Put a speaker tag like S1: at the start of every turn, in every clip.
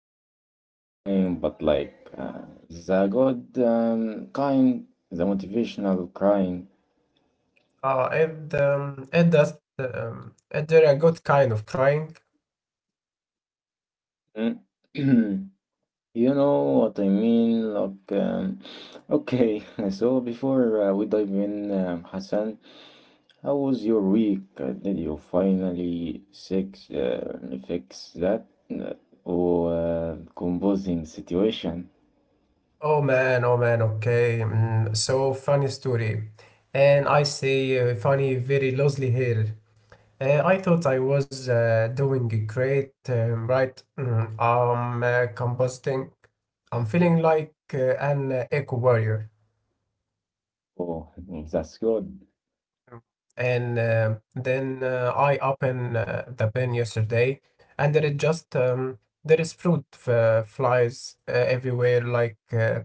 S1: maybe a little crying, but like the good kind, the motivational crying.
S2: It does. It did a good kind of crying.
S1: Mm. You know what I mean? Okay, so before we dive in, Hassan. How was your week? Did you finally fix that uh, or composing situation?
S2: Oh man, okay. Mm, so funny story. And I say funny very loosely here. I thought I was doing great, right? I'm composting. I'm feeling like an eco warrior.
S1: Oh, that's good.
S2: And then I opened the bin yesterday, and there is flies everywhere, like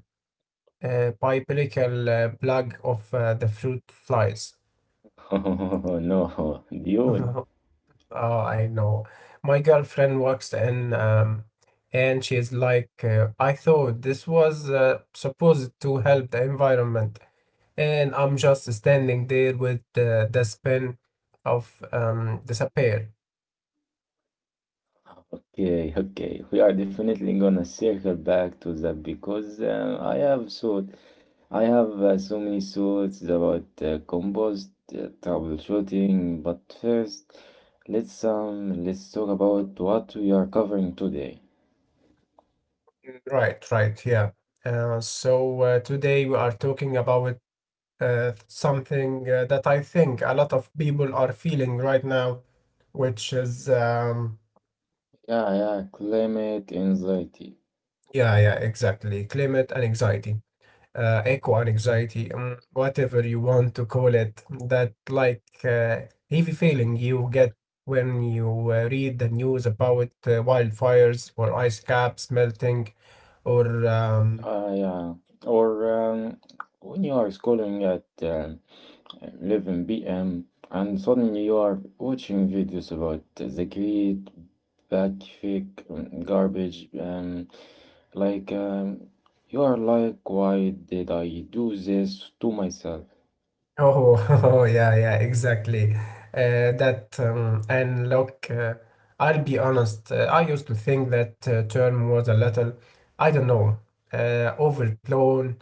S2: a biblical plague of the fruit flies.
S1: Oh, no, dude.
S2: Oh, I know. My girlfriend works in, and she's like, I thought this was supposed to help the environment, and I'm just standing there with the spin of despair.
S1: Okay, okay. We are definitely gonna circle back to that because I have so many thoughts about composed troubleshooting. But first, let's talk about what we are covering today.
S2: Mm, right, right, yeah. So today we are talking about something that I think a lot of people are feeling right now, which is,
S1: Yeah, yeah, climate anxiety.
S2: yeah, yeah, exactly, climate and anxiety. Echo and anxiety, mm, whatever you want to call it, that like heavy feeling you get when you read the news about wildfires or ice caps melting, or
S1: Yeah, or when you are scrolling at 11 p.m. and suddenly you are watching videos about the great backfic garbage. Like um, you are like, why did I do this to myself?
S2: oh, oh yeah yeah exactly, that and look, I'll be honest, I used to think that term was a little, I don't know, overblown.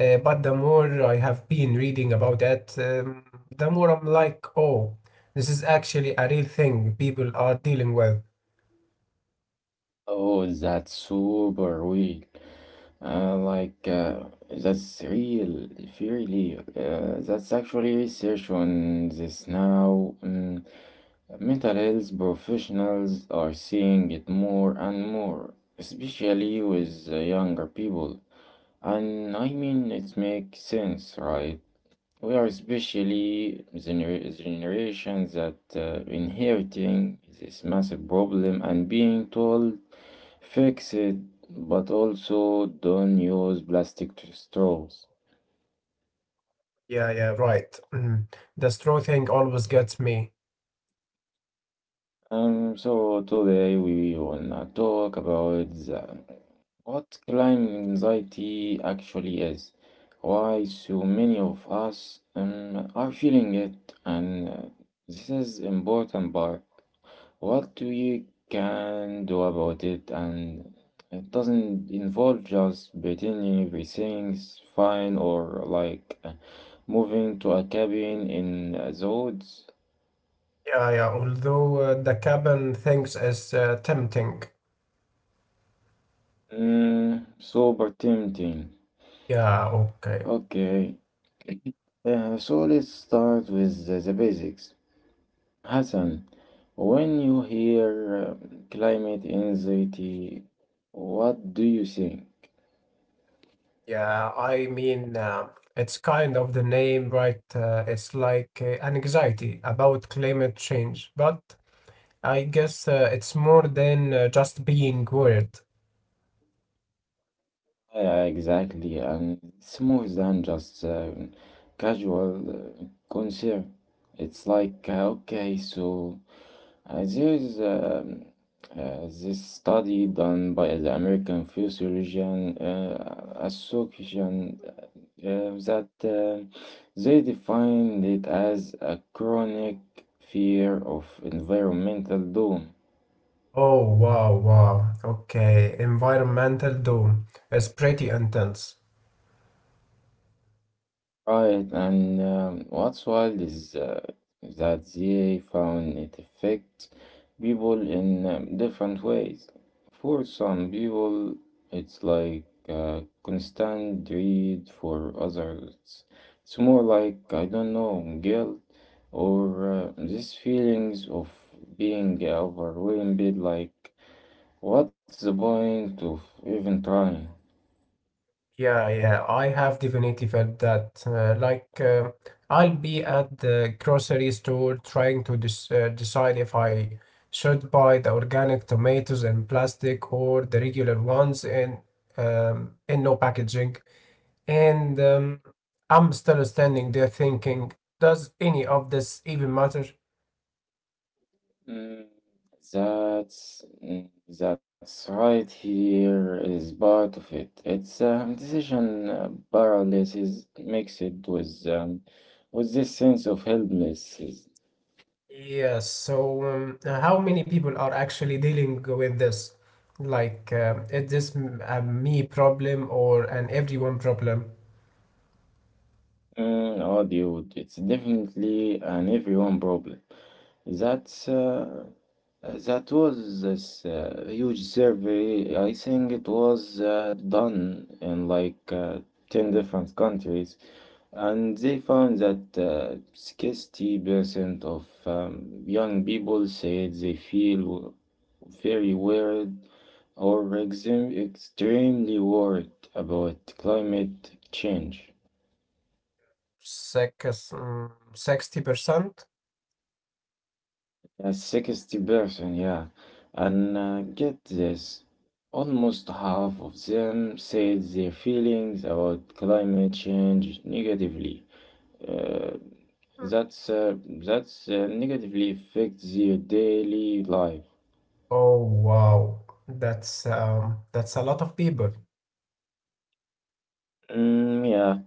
S2: But the more I have been reading about it, the more I'm like, oh, this is actually a real thing people are dealing with.
S1: Oh, that's super weird. Uh, like uh, that's real, really. That's actually research on this now. Mm, mental health professionals are seeing it more and more, especially with the younger people. And I mean, it makes sense, right? We are especially the generation that inheriting this massive problem and being told fix it, but also don't use plastic straws.
S2: Yeah, yeah, right. Mm. The straw thing always gets me.
S1: So today we wanna talk about what climate anxiety actually is, why so many of us are feeling it, and this is important part. What do you can do about it? And it doesn't involve just pretending everything's fine or like moving to a cabin in the woods.
S2: Yeah, yeah, although the cabin things is tempting.
S1: Mm, super tempting.
S2: Yeah, okay.
S1: Okay, so let's start with the basics. Hassan, when you hear climate anxiety, what do you think?
S2: Yeah, I mean, it's kind of the name, right? It's like an anxiety about climate change, but I guess it's more than just being worried.
S1: Yeah, exactly, and it's more than just casual concern. It's like okay, so there is this study done by the American physiologian association that they defined it as a chronic fear of environmental doom.
S2: Oh, wow, wow. Okay, environmental doom is pretty intense.
S1: Right, and what's wild is that they found it affects people in different ways. For some people, it's like constant dread. For others, it's more like, I don't know, guilt or these feelings of being overwhelmed, like, what's the point of even trying?
S2: Yeah, yeah, I have definitely felt that. I'll be at the grocery store trying to decide if I should buy the organic tomatoes in plastic or the regular ones in no packaging. And I'm still standing there thinking, does any of this even matter?
S1: Mm, That's mm, that's right here is part of it. It's decision paralysis makes it with this sense of helplessness.
S2: Yes, so how many people are actually dealing with this? Like, is this a me problem or an everyone problem?
S1: Mm, oh, dude, it's definitely an everyone problem. That's that was this huge survey. I think it was done in like 10 different countries. And they found that 60% of young people said they feel very worried or extremely worried about climate change.
S2: Six, 60%?
S1: Yeah, 60%, yeah. And get this, almost half of them said their feelings about climate change negatively. Uh, that's uh, that's negatively affects their daily life.
S2: Oh, wow. That's a lot of people.
S1: Mm, yeah,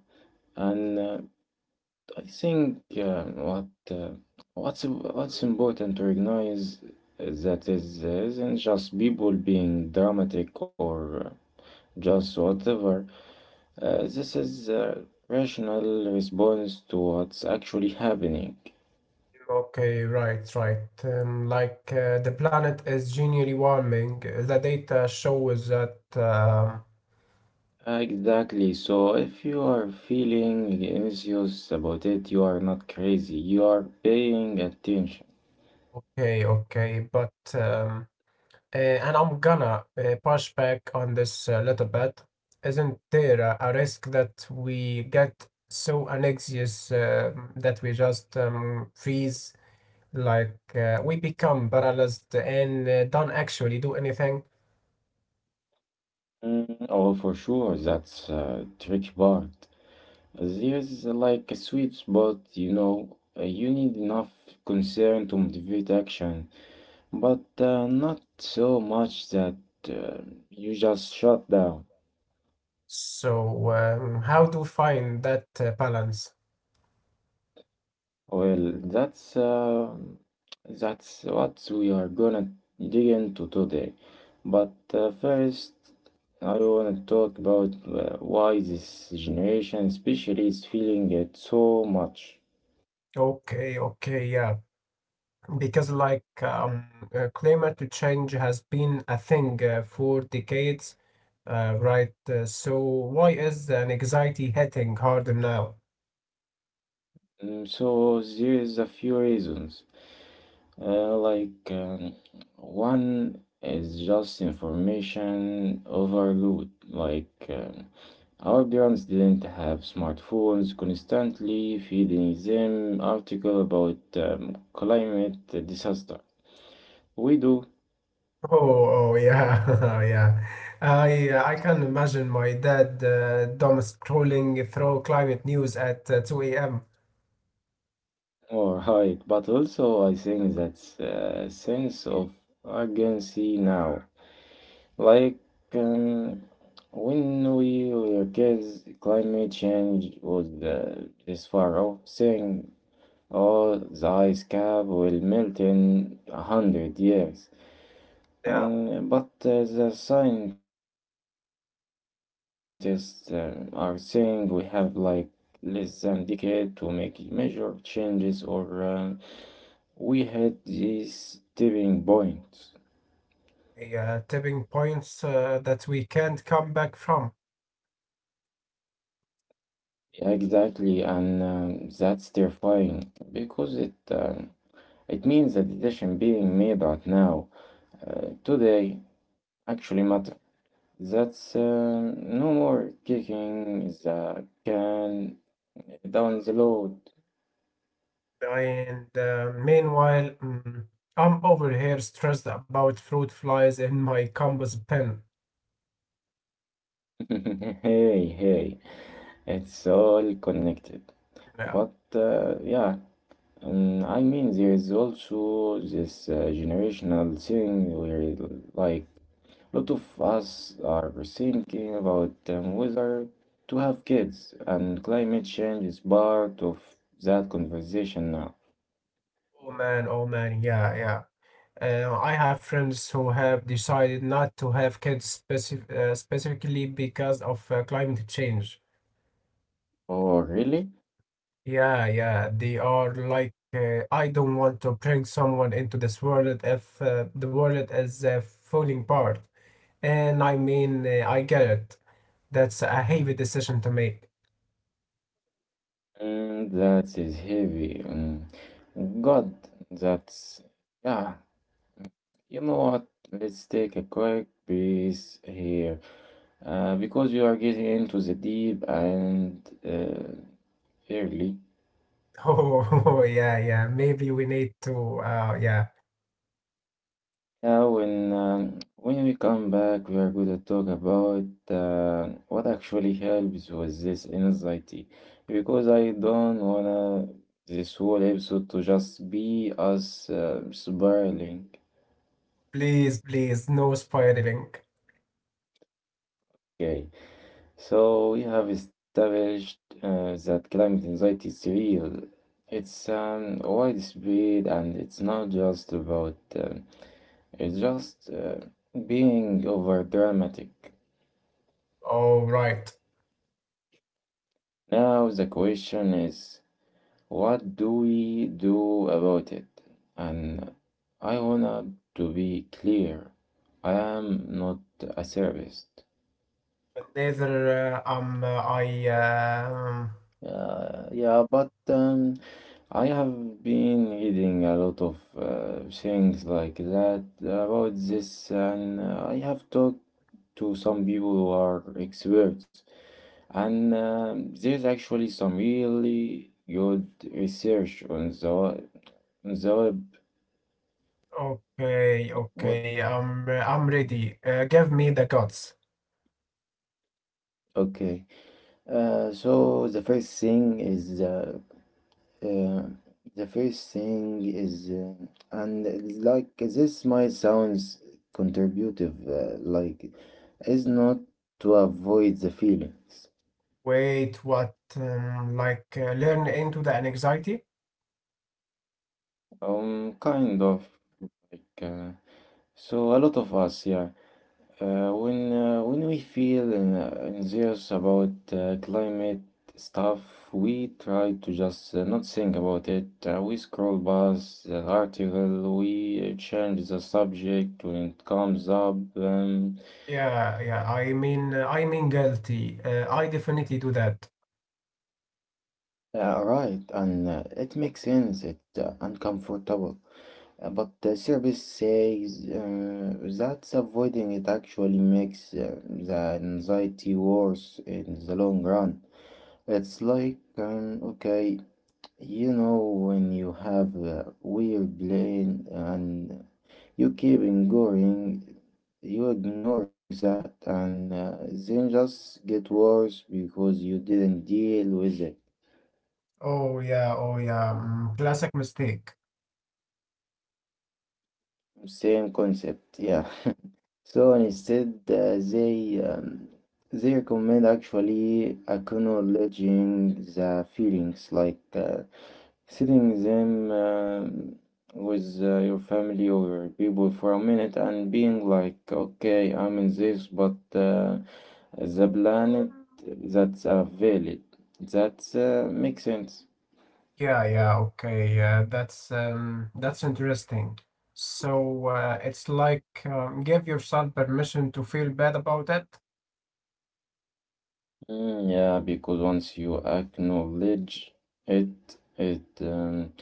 S1: and I think what's important to recognize is that is isn't just people being dramatic or just whatever. This is a rational response to what's actually happening.
S2: Okay, right, right. The planet is generally warming. The data shows that.
S1: Exactly. So if you are feeling anxious about it, you are not crazy. You are paying attention.
S2: Okay, okay, but and I'm gonna push back on this a little bit. Isn't there a risk that we get so anxious that we just freeze, like we become paralyzed and don't actually do anything?
S1: Mm, oh, for sure, that's a tricky part. There's like a sweet spot, you know. You need enough concern to motivate action, but not so much that uh, you just shut down.
S2: So, how to find that balance?
S1: Well, that's what we are gonna dig into today. But first, I wanna talk about why this generation, especially, is feeling it so much.
S2: Okay, okay, yeah. Because like climate change has been a thing for decades, right? So why is an anxiety hitting harder now?
S1: Mm, so there's a few reasons. Uh, like um, one is just information overload. Our parents didn't have smartphones, constantly feeding them article about climate disaster. We do,
S2: Oh, oh yeah, yeah. I can imagine my dad dumb scrolling through climate news at 2 a.m.
S1: all right. But also, I think that's a sense of urgency now. Like um, when we were kids, climate change was this far off, saying, "Oh, the ice cap will melt in 100 years."
S2: Yeah,
S1: But the scientists are saying we have like less than decade to make major changes, or we hit this tipping point.
S2: yeah, tipping points that we can't come back from.
S1: Exactly, and that's terrifying because it means that the decision being made right now, today, actually matter. That's no more kicking the can down the road.
S2: And meanwhile, mm, I'm over here stressed about fruit flies in my compass pen.
S1: Hey, hey, it's all connected.
S2: Yeah.
S1: But yeah, I mean, there is also this generational thing where like lot of us are thinking about whether to have kids, and climate change is part of that conversation now.
S2: Oh man, yeah, yeah. I have friends who have decided not to have kids specifically because of climate change.
S1: Oh, really?
S2: Yeah, yeah, they are like, I don't want to bring someone into this world if the world is falling apart. And I mean, I get it. That's a heavy decision to make.
S1: Mm, that is heavy. Mm. God, that's. Yeah, you know what? Let's take a quick breeze here. Because we are getting into the deep and uh, early.
S2: Oh, yeah, yeah, maybe we need to, yeah,
S1: Yeah, when we come back, we are going to talk about what actually helps with this anxiety, because I don't wanna this whole episode to just be us spiraling.
S2: please, please, no spiraling.
S1: Okay, so we have established that climate anxiety is real. It's widespread, and it's not just about it's just being over dramatic.
S2: All right.
S1: Now the question is. What do we do about it? And I wanna to be clear, I am not a therapist.
S2: Neither am I. Um,
S1: Yeah, but I have been reading a lot of things like that about this, and I have talked to some people who are experts, and there's actually some really good research on the web.
S2: okay,
S1: What?
S2: okay. I'm ready. Give me the guts.
S1: Okay. So uh, the first thing is and it's like this might sounds contributive like is not to avoid the feelings
S2: Wait, what? Like learn into the anxiety?
S1: kind of like so a lot of us yeah. When we feel in, anxious about climate stuff, we try to just not think about it. We scroll past the article, we change the subject when it comes up.
S2: Yeah, yeah. I mean guilty. I definitely do that.
S1: Right, and it makes sense. It's uncomfortable, but the therapist says that avoiding it actually makes the anxiety worse in the long run. It's like, okay, you know, when you have a weird plan and you keep ignoring, you ignore that, and then just get worse because you didn't deal with it.
S2: Oh yeah, oh yeah. Mm, classic mistake.
S1: Same concept, yeah. So instead, they recommend actually acknowledging the feelings, like sitting them with your family or people for a minute and being like, okay, I'm in this, but the planet that's a valid. That makes sense.
S2: Yeah, yeah. Okay. Yeah, that's interesting. So it's like give yourself permission to feel bad about it.
S1: Mm, yeah, because once you acknowledge it, it um,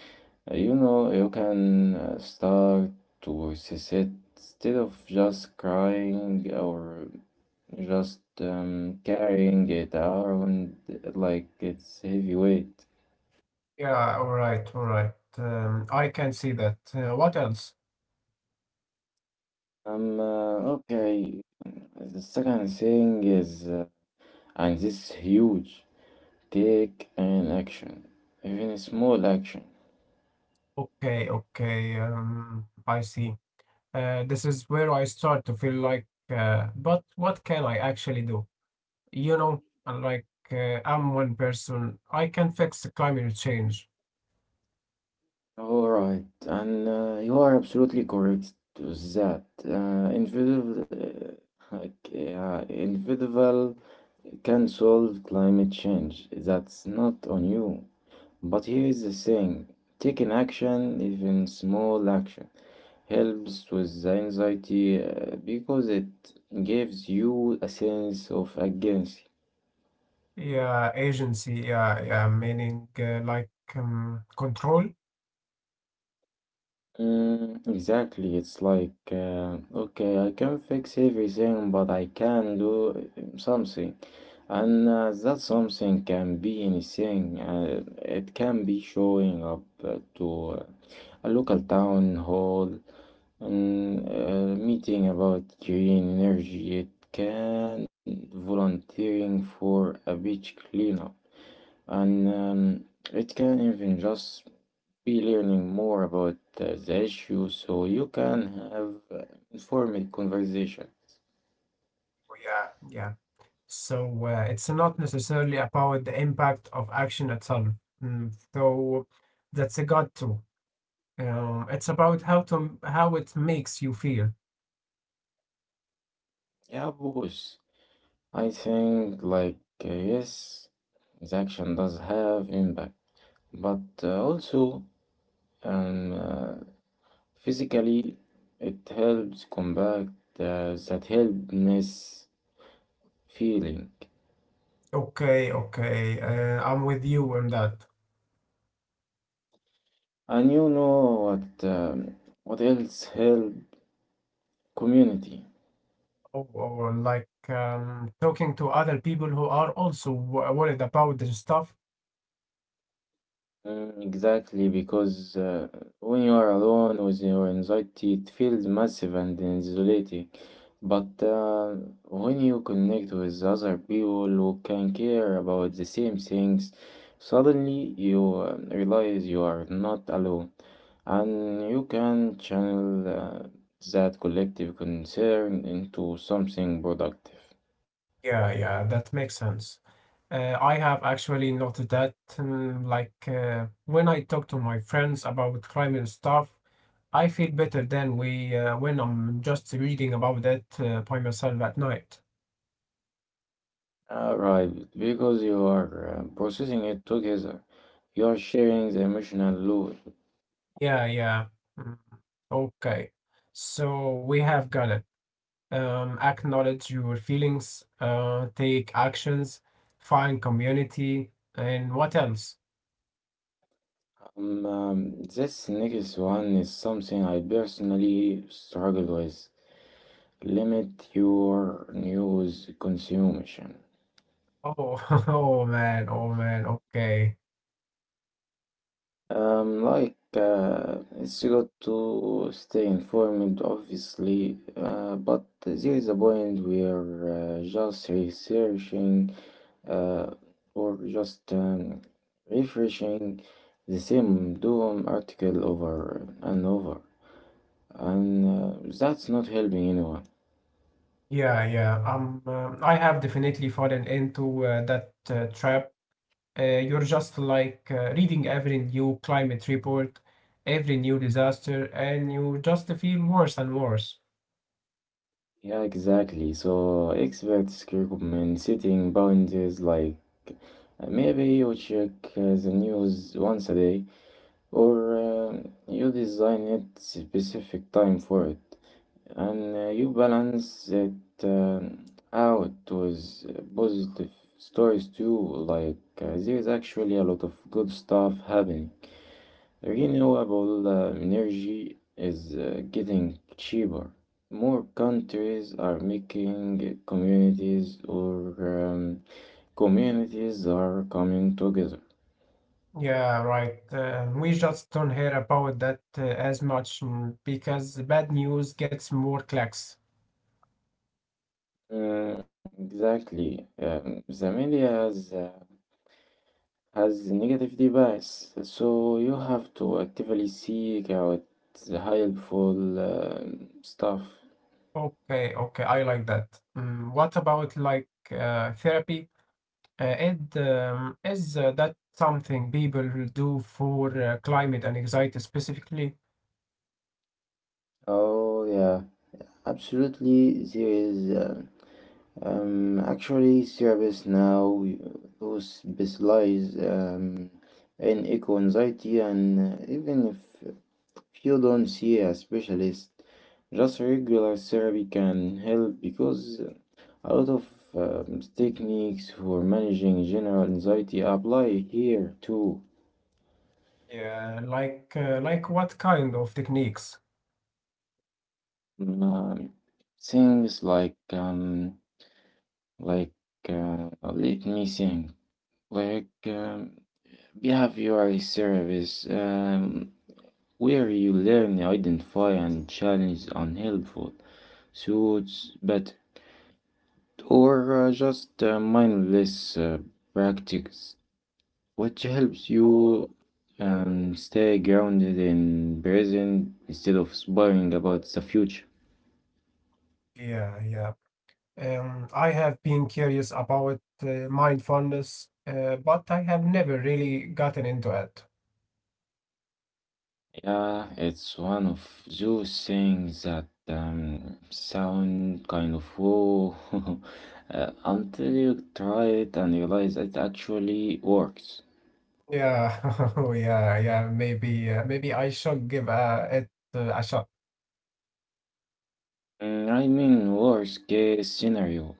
S1: you know you can start to assess it instead of just crying or just carrying it around like it's heavy weight.
S2: Yeah, all right, all right. I can see that. What else?
S1: Okay. The second thing is, and this is huge, take an action, even a small action.
S2: Okay, okay. I see. This is where I start to feel like, but what can I actually do? You know, I'm like, I'm one person. I can fix the climate change.
S1: All right, and you are absolutely correct to that. Individual, like, individual can solve climate change. That's not on you. But here is the thing: taking action, even small action, helps with the anxiety because it gives you a sense of agency.
S2: Yeah, agency. Yeah, yeah. Meaning, control.
S1: Mm, exactly. It's like, okay, I can fix everything, but I can do something. And that something can be anything. It can be showing up to a local town hall and a meeting about green energy. It can volunteering for a beach cleanup, and um, it can even just be learning more about the issue so you can have informed conversations.
S2: Oh, yeah, yeah. So it's not necessarily about the impact of action itself. Mm, so that's a god too. It's about how it makes you feel.
S1: Yeah, boss. I think, like, yes, his action does have impact, but also um, uh, physically it helps combat that helpless feeling.
S2: Okay, okay. I'm with you on that.
S1: And you know what else help community?
S2: Or like talking to other people who are also worried about this stuff.
S1: Mm, exactly, because when you are alone with your anxiety, it feels massive and isolated. But when you connect with other people who can care about the same things, suddenly you realize you are not alone, and you can channel that collective concern into something productive.
S2: Yeah, yeah, that makes sense. I have actually noted that, like when I talk to my friends about crime and stuff, I feel better than we when I'm just reading about it by myself at night.
S1: Right, because you are processing it together, you are sharing the emotional load.
S2: Yeah, yeah. Mm. Okay, so we have got it. Acknowledge your feelings, take actions, find community, and what else?
S1: This next one is something I personally struggle with. Limit your news consumption.
S2: Oh, oh man, oh man. Okay,
S1: It's good to stay informed, obviously, but there is a point where just researching uh, or just refreshing the same doom article over and over, and that's not helping anyone.
S2: yeah, yeah. I have definitely fallen into that trap. You're just like reading every new climate report, every new disaster, and you just feel worse and worse.
S1: Yeah, exactly. So experts recommend setting boundaries like uh, maybe you check the news once a day, or you design it specific time for it, and you balance it um, out with positive stories too. Like there is actually a lot of good stuff happening. Renewable energy is getting cheaper. More countries are making communities, or communities are coming together.
S2: Yeah, right. We just don't hear about that as much mm, because the bad news gets more clicks.
S1: Mm, exactly. The media has negative bias, so you have to actively seek out the helpful stuff.
S2: Okay, okay, I like that. Mm, what about like therapy? Is that something people do for climate and anxiety specifically?
S1: Oh, yeah, absolutely. There is actually therapists now who specialize in eco anxiety, and even if you don't see a specialist, just regular therapy can help because a lot of techniques for managing general anxiety apply here too.
S2: Yeah, like what kind of techniques?
S1: Um, Things like like let me think, like behavioral service, where you learn, identify, and challenge unhelpful thoughts, better, or just mindless practice, which helps you stay grounded in present instead of worrying about the future.
S2: Yeah, yeah. I have been curious about mindfulness, but I have never really gotten into it.
S1: Yeah, it's one of those things that sound kind of whoa until you try it and realize it actually works.
S2: Yeah, oh, yeah, yeah. Maybe, maybe I should give it a shot.
S1: Mm, I mean, worst case scenario,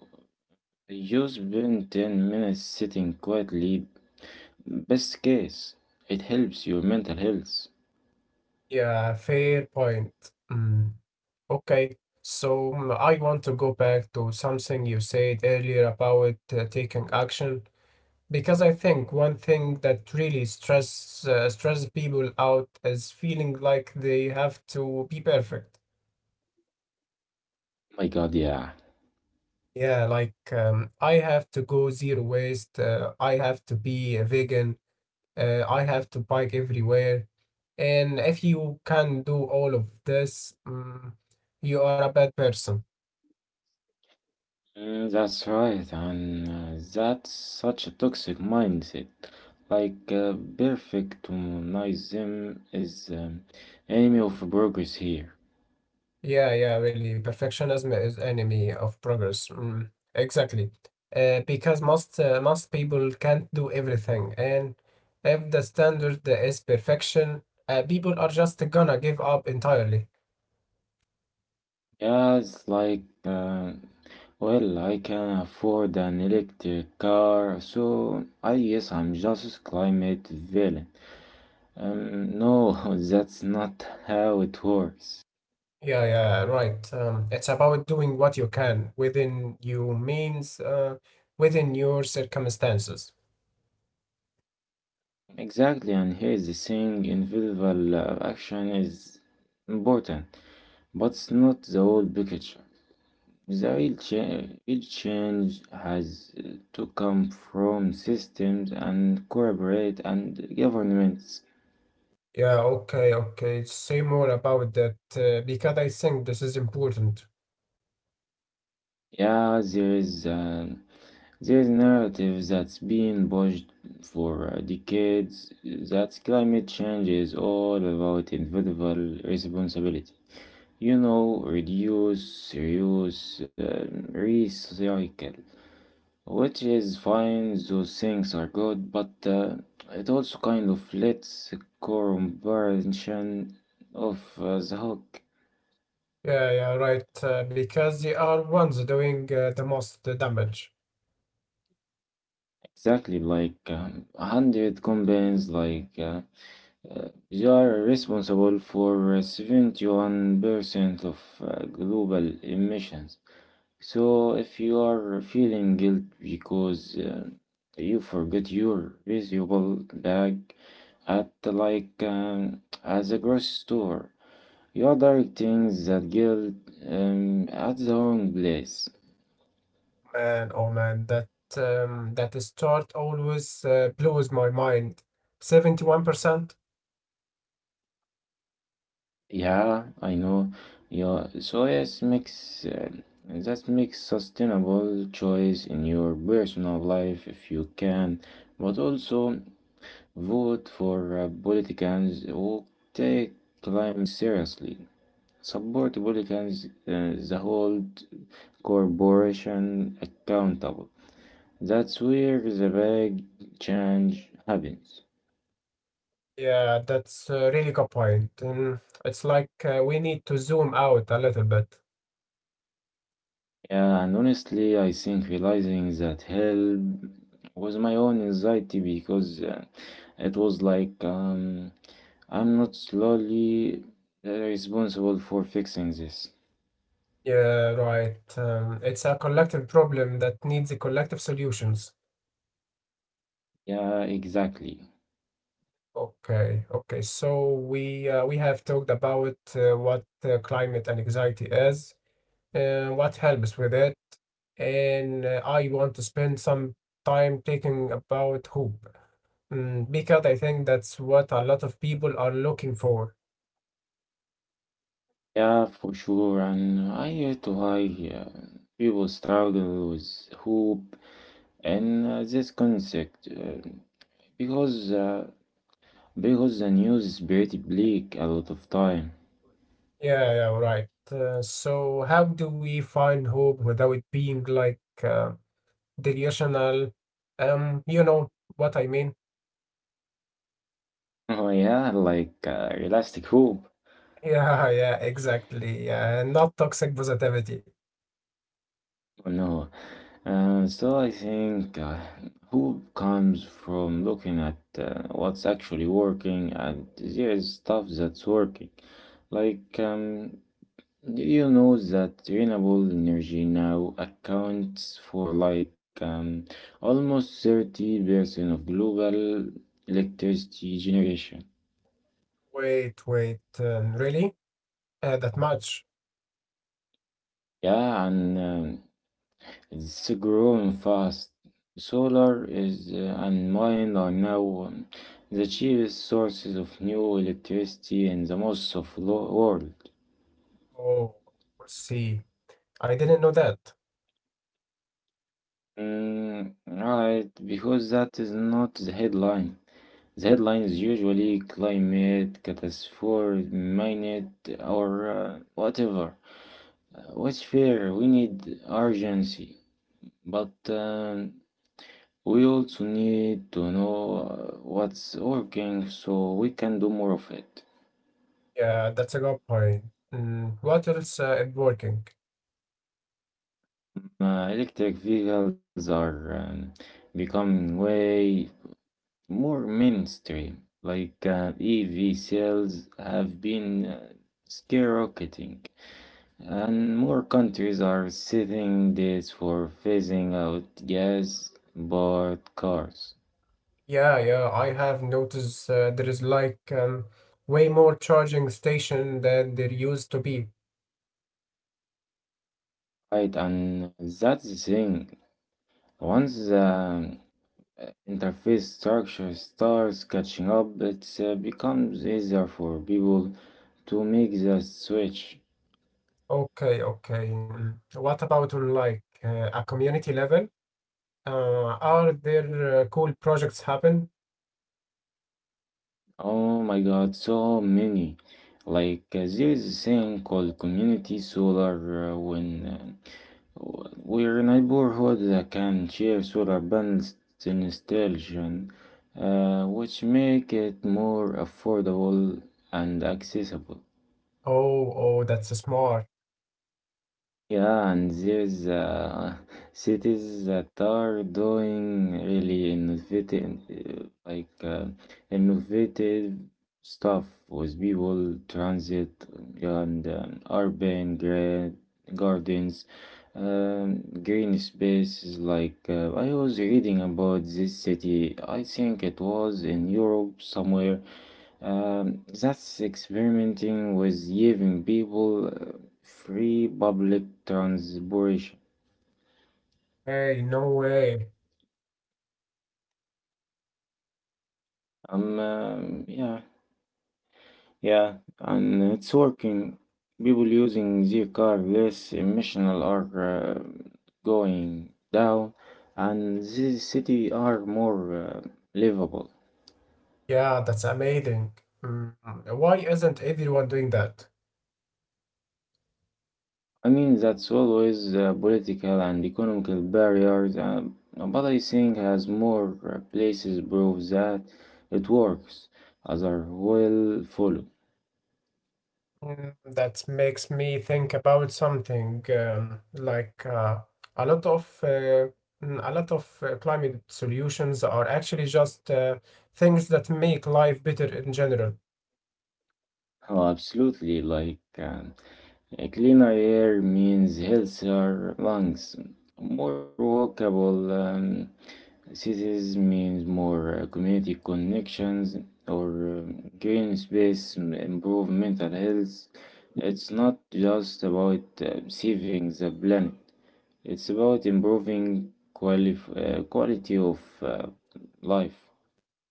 S1: you spend 10 minutes sitting quietly. Best case, it helps your mental health.
S2: Yeah, fair point. Mm, okay, so mm, I want to go back to something you said earlier about taking action, because I think one thing that really stress people out is feeling like they have to be perfect.
S1: My god, yeah.
S2: Yeah, like I have to go zero waste. I have to be a vegan. I have to bike everywhere. And if you can do all of this, mm, you are a bad person.
S1: Mm, that's right, and that's such a toxic mindset. Like perfectionism is enemy of progress here.
S2: Yeah, yeah, really. Perfectionism is enemy of progress. Mm, exactly. Because most most people can't do everything, and if the standard is perfection, people are just gonna give up entirely.
S1: Yeah, it's like well, I can afford an electric car, so I guess I'm just climate villain. No, that's not how it works.
S2: Yeah, yeah, right. It's about doing what you can within your means, within your circumstances.
S1: Exactly, and here's the thing: individual action is important. But it's not the whole picture. The real change has to come from systems and corporate and governments.
S2: Yeah, okay, okay. Say more about that because I think this is important.
S1: Yeah, there is narrative that's been pushed for decades that climate change is all about individual responsibility. You know, reduce, reuse, recycle. Which is fine, those things are good, but it also kind of lets comparison of the hook.
S2: Yeah, yeah, right. Because they are ones doing the most damage.
S1: Exactly, like a hundred companies, like they are responsible for 71% of global emissions. So, if you are feeling guilt because you forgot your reusable bag at at the grocery store, you are directing that guilt at the wrong place.
S2: Man, oh man, that that start always blows my mind. 71%?
S1: Yeah, I know. Yeah, so yes, makes that makes sustainable choice in your personal life if you can, but also vote for politicians who take climate seriously. Support politicians that hold corporations accountable. That's where the big change happens.
S2: Yeah, that's a really good point. It's like we need to zoom out a little bit.
S1: Yeah, and honestly, I think realizing that help was my own anxiety because it was like I'm not slowly responsible for fixing this.
S2: Yeah, right. It's a collective problem that needs a collective solutions.
S1: Yeah, exactly.
S2: Okay, okay. So we have talked about what climate anxiety is, what helps with it, and I want to spend some time thinking about hope, mm, because I think that's what a lot of people are looking for.
S1: Yeah, for sure. And I hear to high people struggle with hope and this concept because uh, because the news is pretty bleak a lot of time.
S2: Yeah, yeah, right. So, how do we find hope without being like delusional? You know what I mean?
S1: Oh, yeah, like realistic hope.
S2: Yeah, yeah, exactly. Yeah, and not toxic positivity.
S1: Oh, no. So I think hope comes from looking at what's actually working, and there is stuff that's working. Like do you know that renewable energy now accounts for almost 30% of global electricity generation?
S2: Wait, wait, really? That much?
S1: Yeah, and it's growing fast. Solar is and wind are now the cheapest sources of new electricity in the most of the world.
S2: Oh, see, I didn't know that.
S1: Mm, right, because that is not the headline. The headline is usually climate catastrophe, minute, or whatever. What's fair? We need urgency, but we also need to know what's working so we can do more of it.
S2: Yeah, that's a good point. Mm, what else is working?
S1: Electric vehicles are becoming way more mainstream. Like EV sales have been skyrocketing. And more countries are setting dates for phasing out gas powered cars.
S2: Yeah, yeah, I have noticed there is like way more charging station than there used to be.
S1: Right, and that's the thing. Once the interface structure starts catching up, it becomes easier for people to make the switch.
S2: Okay, okay. Mm. What about on like a community level? Are there cool projects happen?
S1: Oh my god, so many. Like, there is a thing called community solar when we're a neighborhood that can share solar panels installation, which make it more affordable and accessible.
S2: Oh, oh, that's smart.
S1: Yeah, and there's cities that are doing really innovative, innovative stuff with people, transit, and gardens, green spaces. Like I was reading about this city, I think it was in Europe somewhere. That's experimenting with giving people free public transport.
S2: Hey, no way.
S1: Yeah, yeah, and it's working. People using the car less emissional are uh, going down, and the city are more livable.
S2: Yeah, that's amazing. Mm. Why isn't everyone doing that?
S1: I mean, that's always political and economical barriers, but I think as more places prove that it works, others will follow.
S2: Mm, that makes me think about something like a lot of uh, a lot of climate solutions are actually just things that make life better in general.
S1: Oh, absolutely, like. A cleaner air means healthier lungs. More walkable cities means more community connections or green space, improve mental health. It's not just about saving the planet, it's about improving quality of life.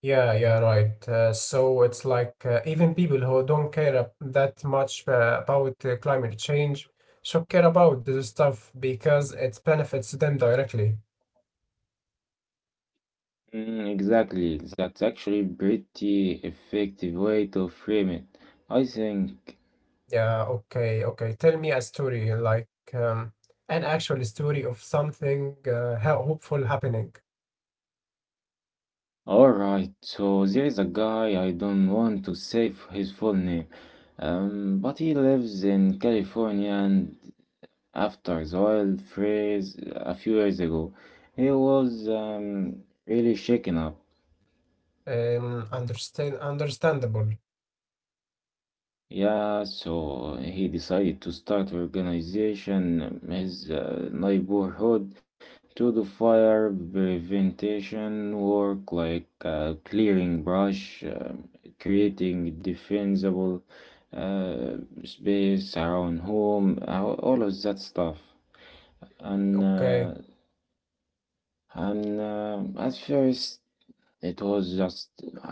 S2: Yeah, yeah, right. So it's like even people who don't care that much about climate change should care about this stuff because it benefits them directly.
S1: Mm, exactly, that's actually pretty effective way to frame it. I think.
S2: Yeah, okay, okay. Tell me a story, like an actual story of something hopeful happening.
S1: All right, so there is a guy I don't want to say his full name, but he lives in California. And after the oil freeze a few years ago, he was really shaken up.
S2: Understand, understandable.
S1: Yeah, so he decided to start organization his neighborhood to do fire prevention work like clearing brush, creating defensible uh, space around home, all of that stuff. And
S2: Okay.
S1: uh, and At first it was just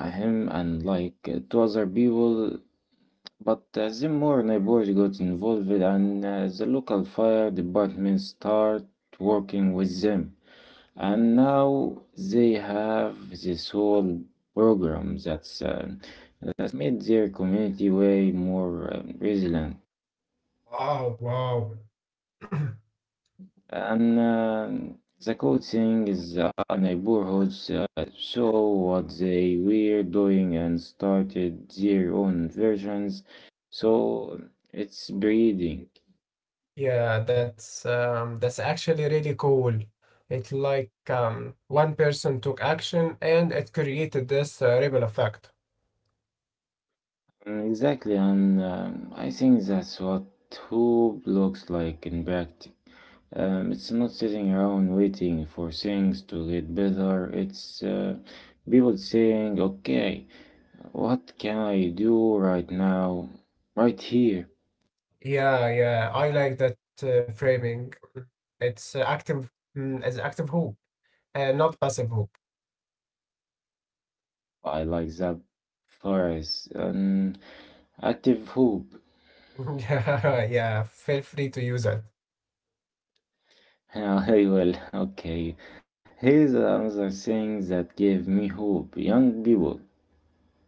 S1: him and like two other people, but then more neighbors got involved and the local fire department started working with them. And now they have this whole program that's made their community way more resilient.
S2: Wow, wow.
S1: And the cool thing is our neighborhoods saw what they were doing and started their own versions. So it's breeding.
S2: Yeah, that's actually really cool. It's like one person took action and it created this ripple effect.
S1: Mm, exactly, and I think that's what hope looks like in practice. It's not sitting around waiting for things to get better. It's people saying, "Okay, what can I do right now, right here?"
S2: Yeah, yeah, I like that framing. It's it's active hope, and not passive hope.
S1: I like that phrase, an active hope.
S2: Yeah, yeah. Feel free to use it.
S1: I will. Okay, here's another thing that gave me hope. Young people.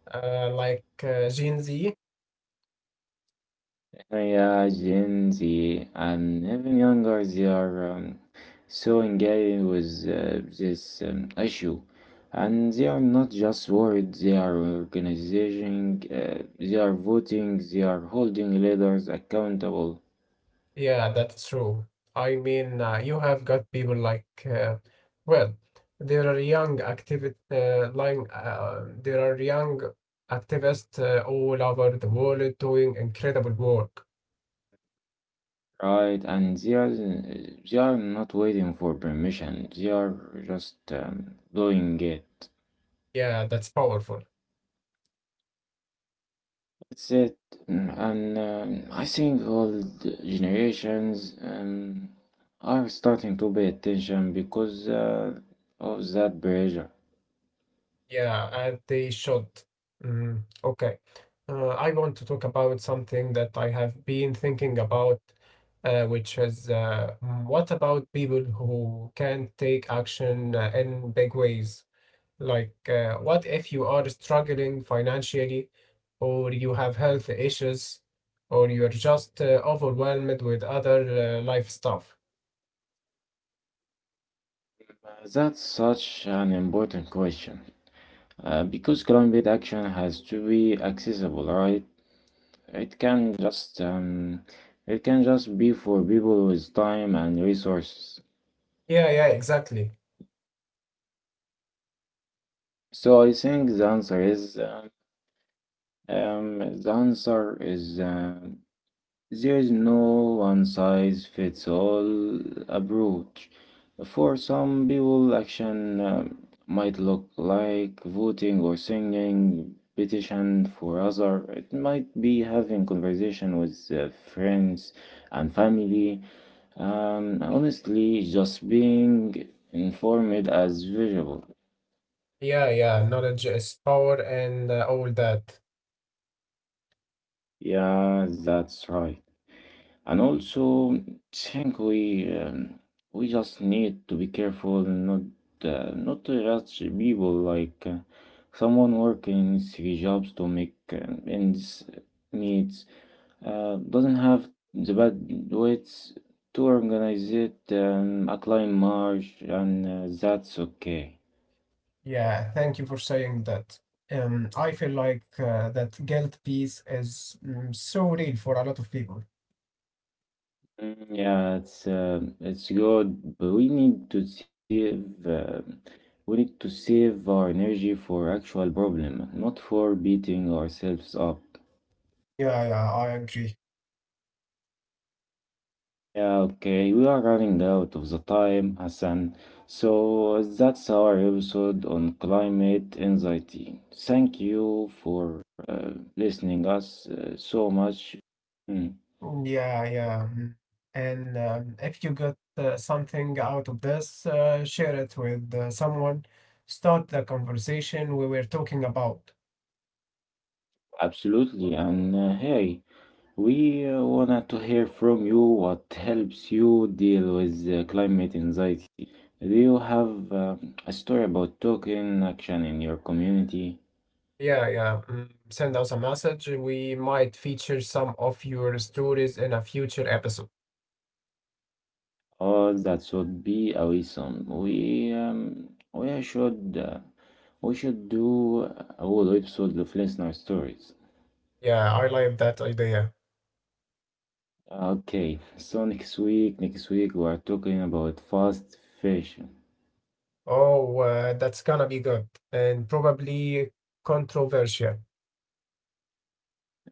S2: Like Gen Z?
S1: Yeah, Gen Z and even younger, they are so engaged with this issue. And they are not just worried, they are organizing, they are voting, they are holding leaders accountable,
S2: Yeah, that's true. I mean, you have got people like, well, there are young activist, like, there are young activists all over the world doing incredible work.
S1: right? And they are not waiting for permission, they are just doing it.
S2: Yeah, that's powerful.
S1: That's it. Mm, and I think all generations are starting to pay attention because of that pressure.
S2: Yeah, they should. Mm, okay. I want to talk about something that I have been thinking about, what about people who can't take action in big ways? Like, what if you are struggling financially, or you have health issues, or you're just overwhelmed with other life stuff?
S1: That's such an important question. Because climate action has to be accessible, right? It can just um, it can just be for people with time and resources.
S2: Yeah, yeah, exactly.
S1: So I think the answer is. There is no one size fits all approach. For some people, action might look like voting or signing petition for other. It might be having conversation with friends and family, and honestly, just being informed as visual.
S2: Yeah, yeah, knowledge is power and all that.
S1: Yeah, that's right. And also, think we just need to be careful not to judge people. Like someone working three jobs to make ends meet doesn't have the bandwidth to organize it a climb march, and that's okay.
S2: Yeah, thank you for saying that. I feel like that guilt piece is mm, so real for a lot of people.
S1: Mm, yeah, it's good, but we need to save our energy for actual problem, not for beating ourselves up.
S2: Yeah, yeah, I agree.
S1: Yeah, okay, we are running out of the time, Hassan. So that's our episode on climate anxiety. Thank you for uh, listening us so much. Mm,
S2: Mm, yeah, yeah. Mm. And if you got something out of this, share it with someone. Start the conversation we were talking about.
S1: absolutely, and hey. We wanted to hear from you what helps you deal with climate anxiety. Do you have a story about taking action in your community?
S2: Yeah, yeah. Mm, send us a message. We might feature some of your stories in a future episode.
S1: Oh, that should be awesome. We should do a whole episode of listener stories.
S2: Yeah, I like that idea.
S1: Okay, so next week we are talking about fast fashion.
S2: Oh, that's gonna be good and probably controversial.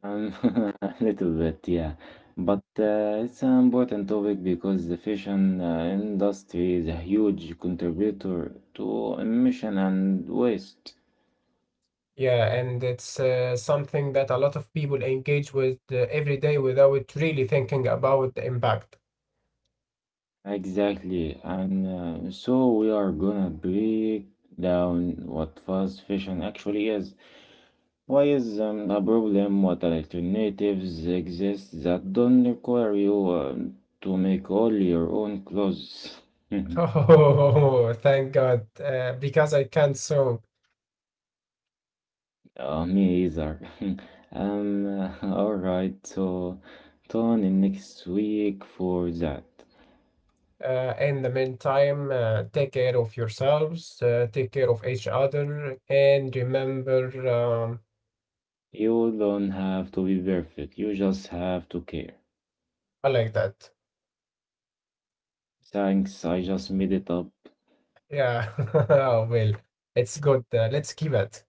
S1: Um, a little bit, yeah. But it's an important topic because the fashion industry is a huge contributor to emission and waste.
S2: Yeah, and it's something that a lot of people engage with every day without really thinking about the impact.
S1: Exactly. And so we are gonna break down what fast fashion actually is. Why is a problem? What alternatives exist that don't require you to make all your own clothes?
S2: Oh, thank God, because I can't so.
S1: Me either. Um, all right, so tune in next week for that.
S2: In the meantime, take care of yourselves, take care of each other, and remember,
S1: You don't have to be perfect, you just have to care.
S2: I like that.
S1: Thanks, I just made it up.
S2: Yeah, well, it's good. Let's keep it.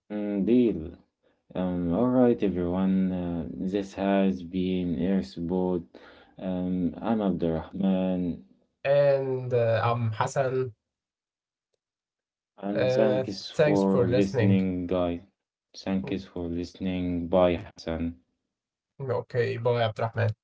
S1: Mm, deal. All right, everyone, this has been Airsboat. I'm Abdurrahman,
S2: And I'm Hassan.
S1: and
S2: Uh,
S1: thanks
S2: Thanks for
S1: for
S2: listening.
S1: listening, guys.
S2: Mm,
S1: Thanks for listening. Bye, Hassan.
S2: okay, bye, Abdurrahman.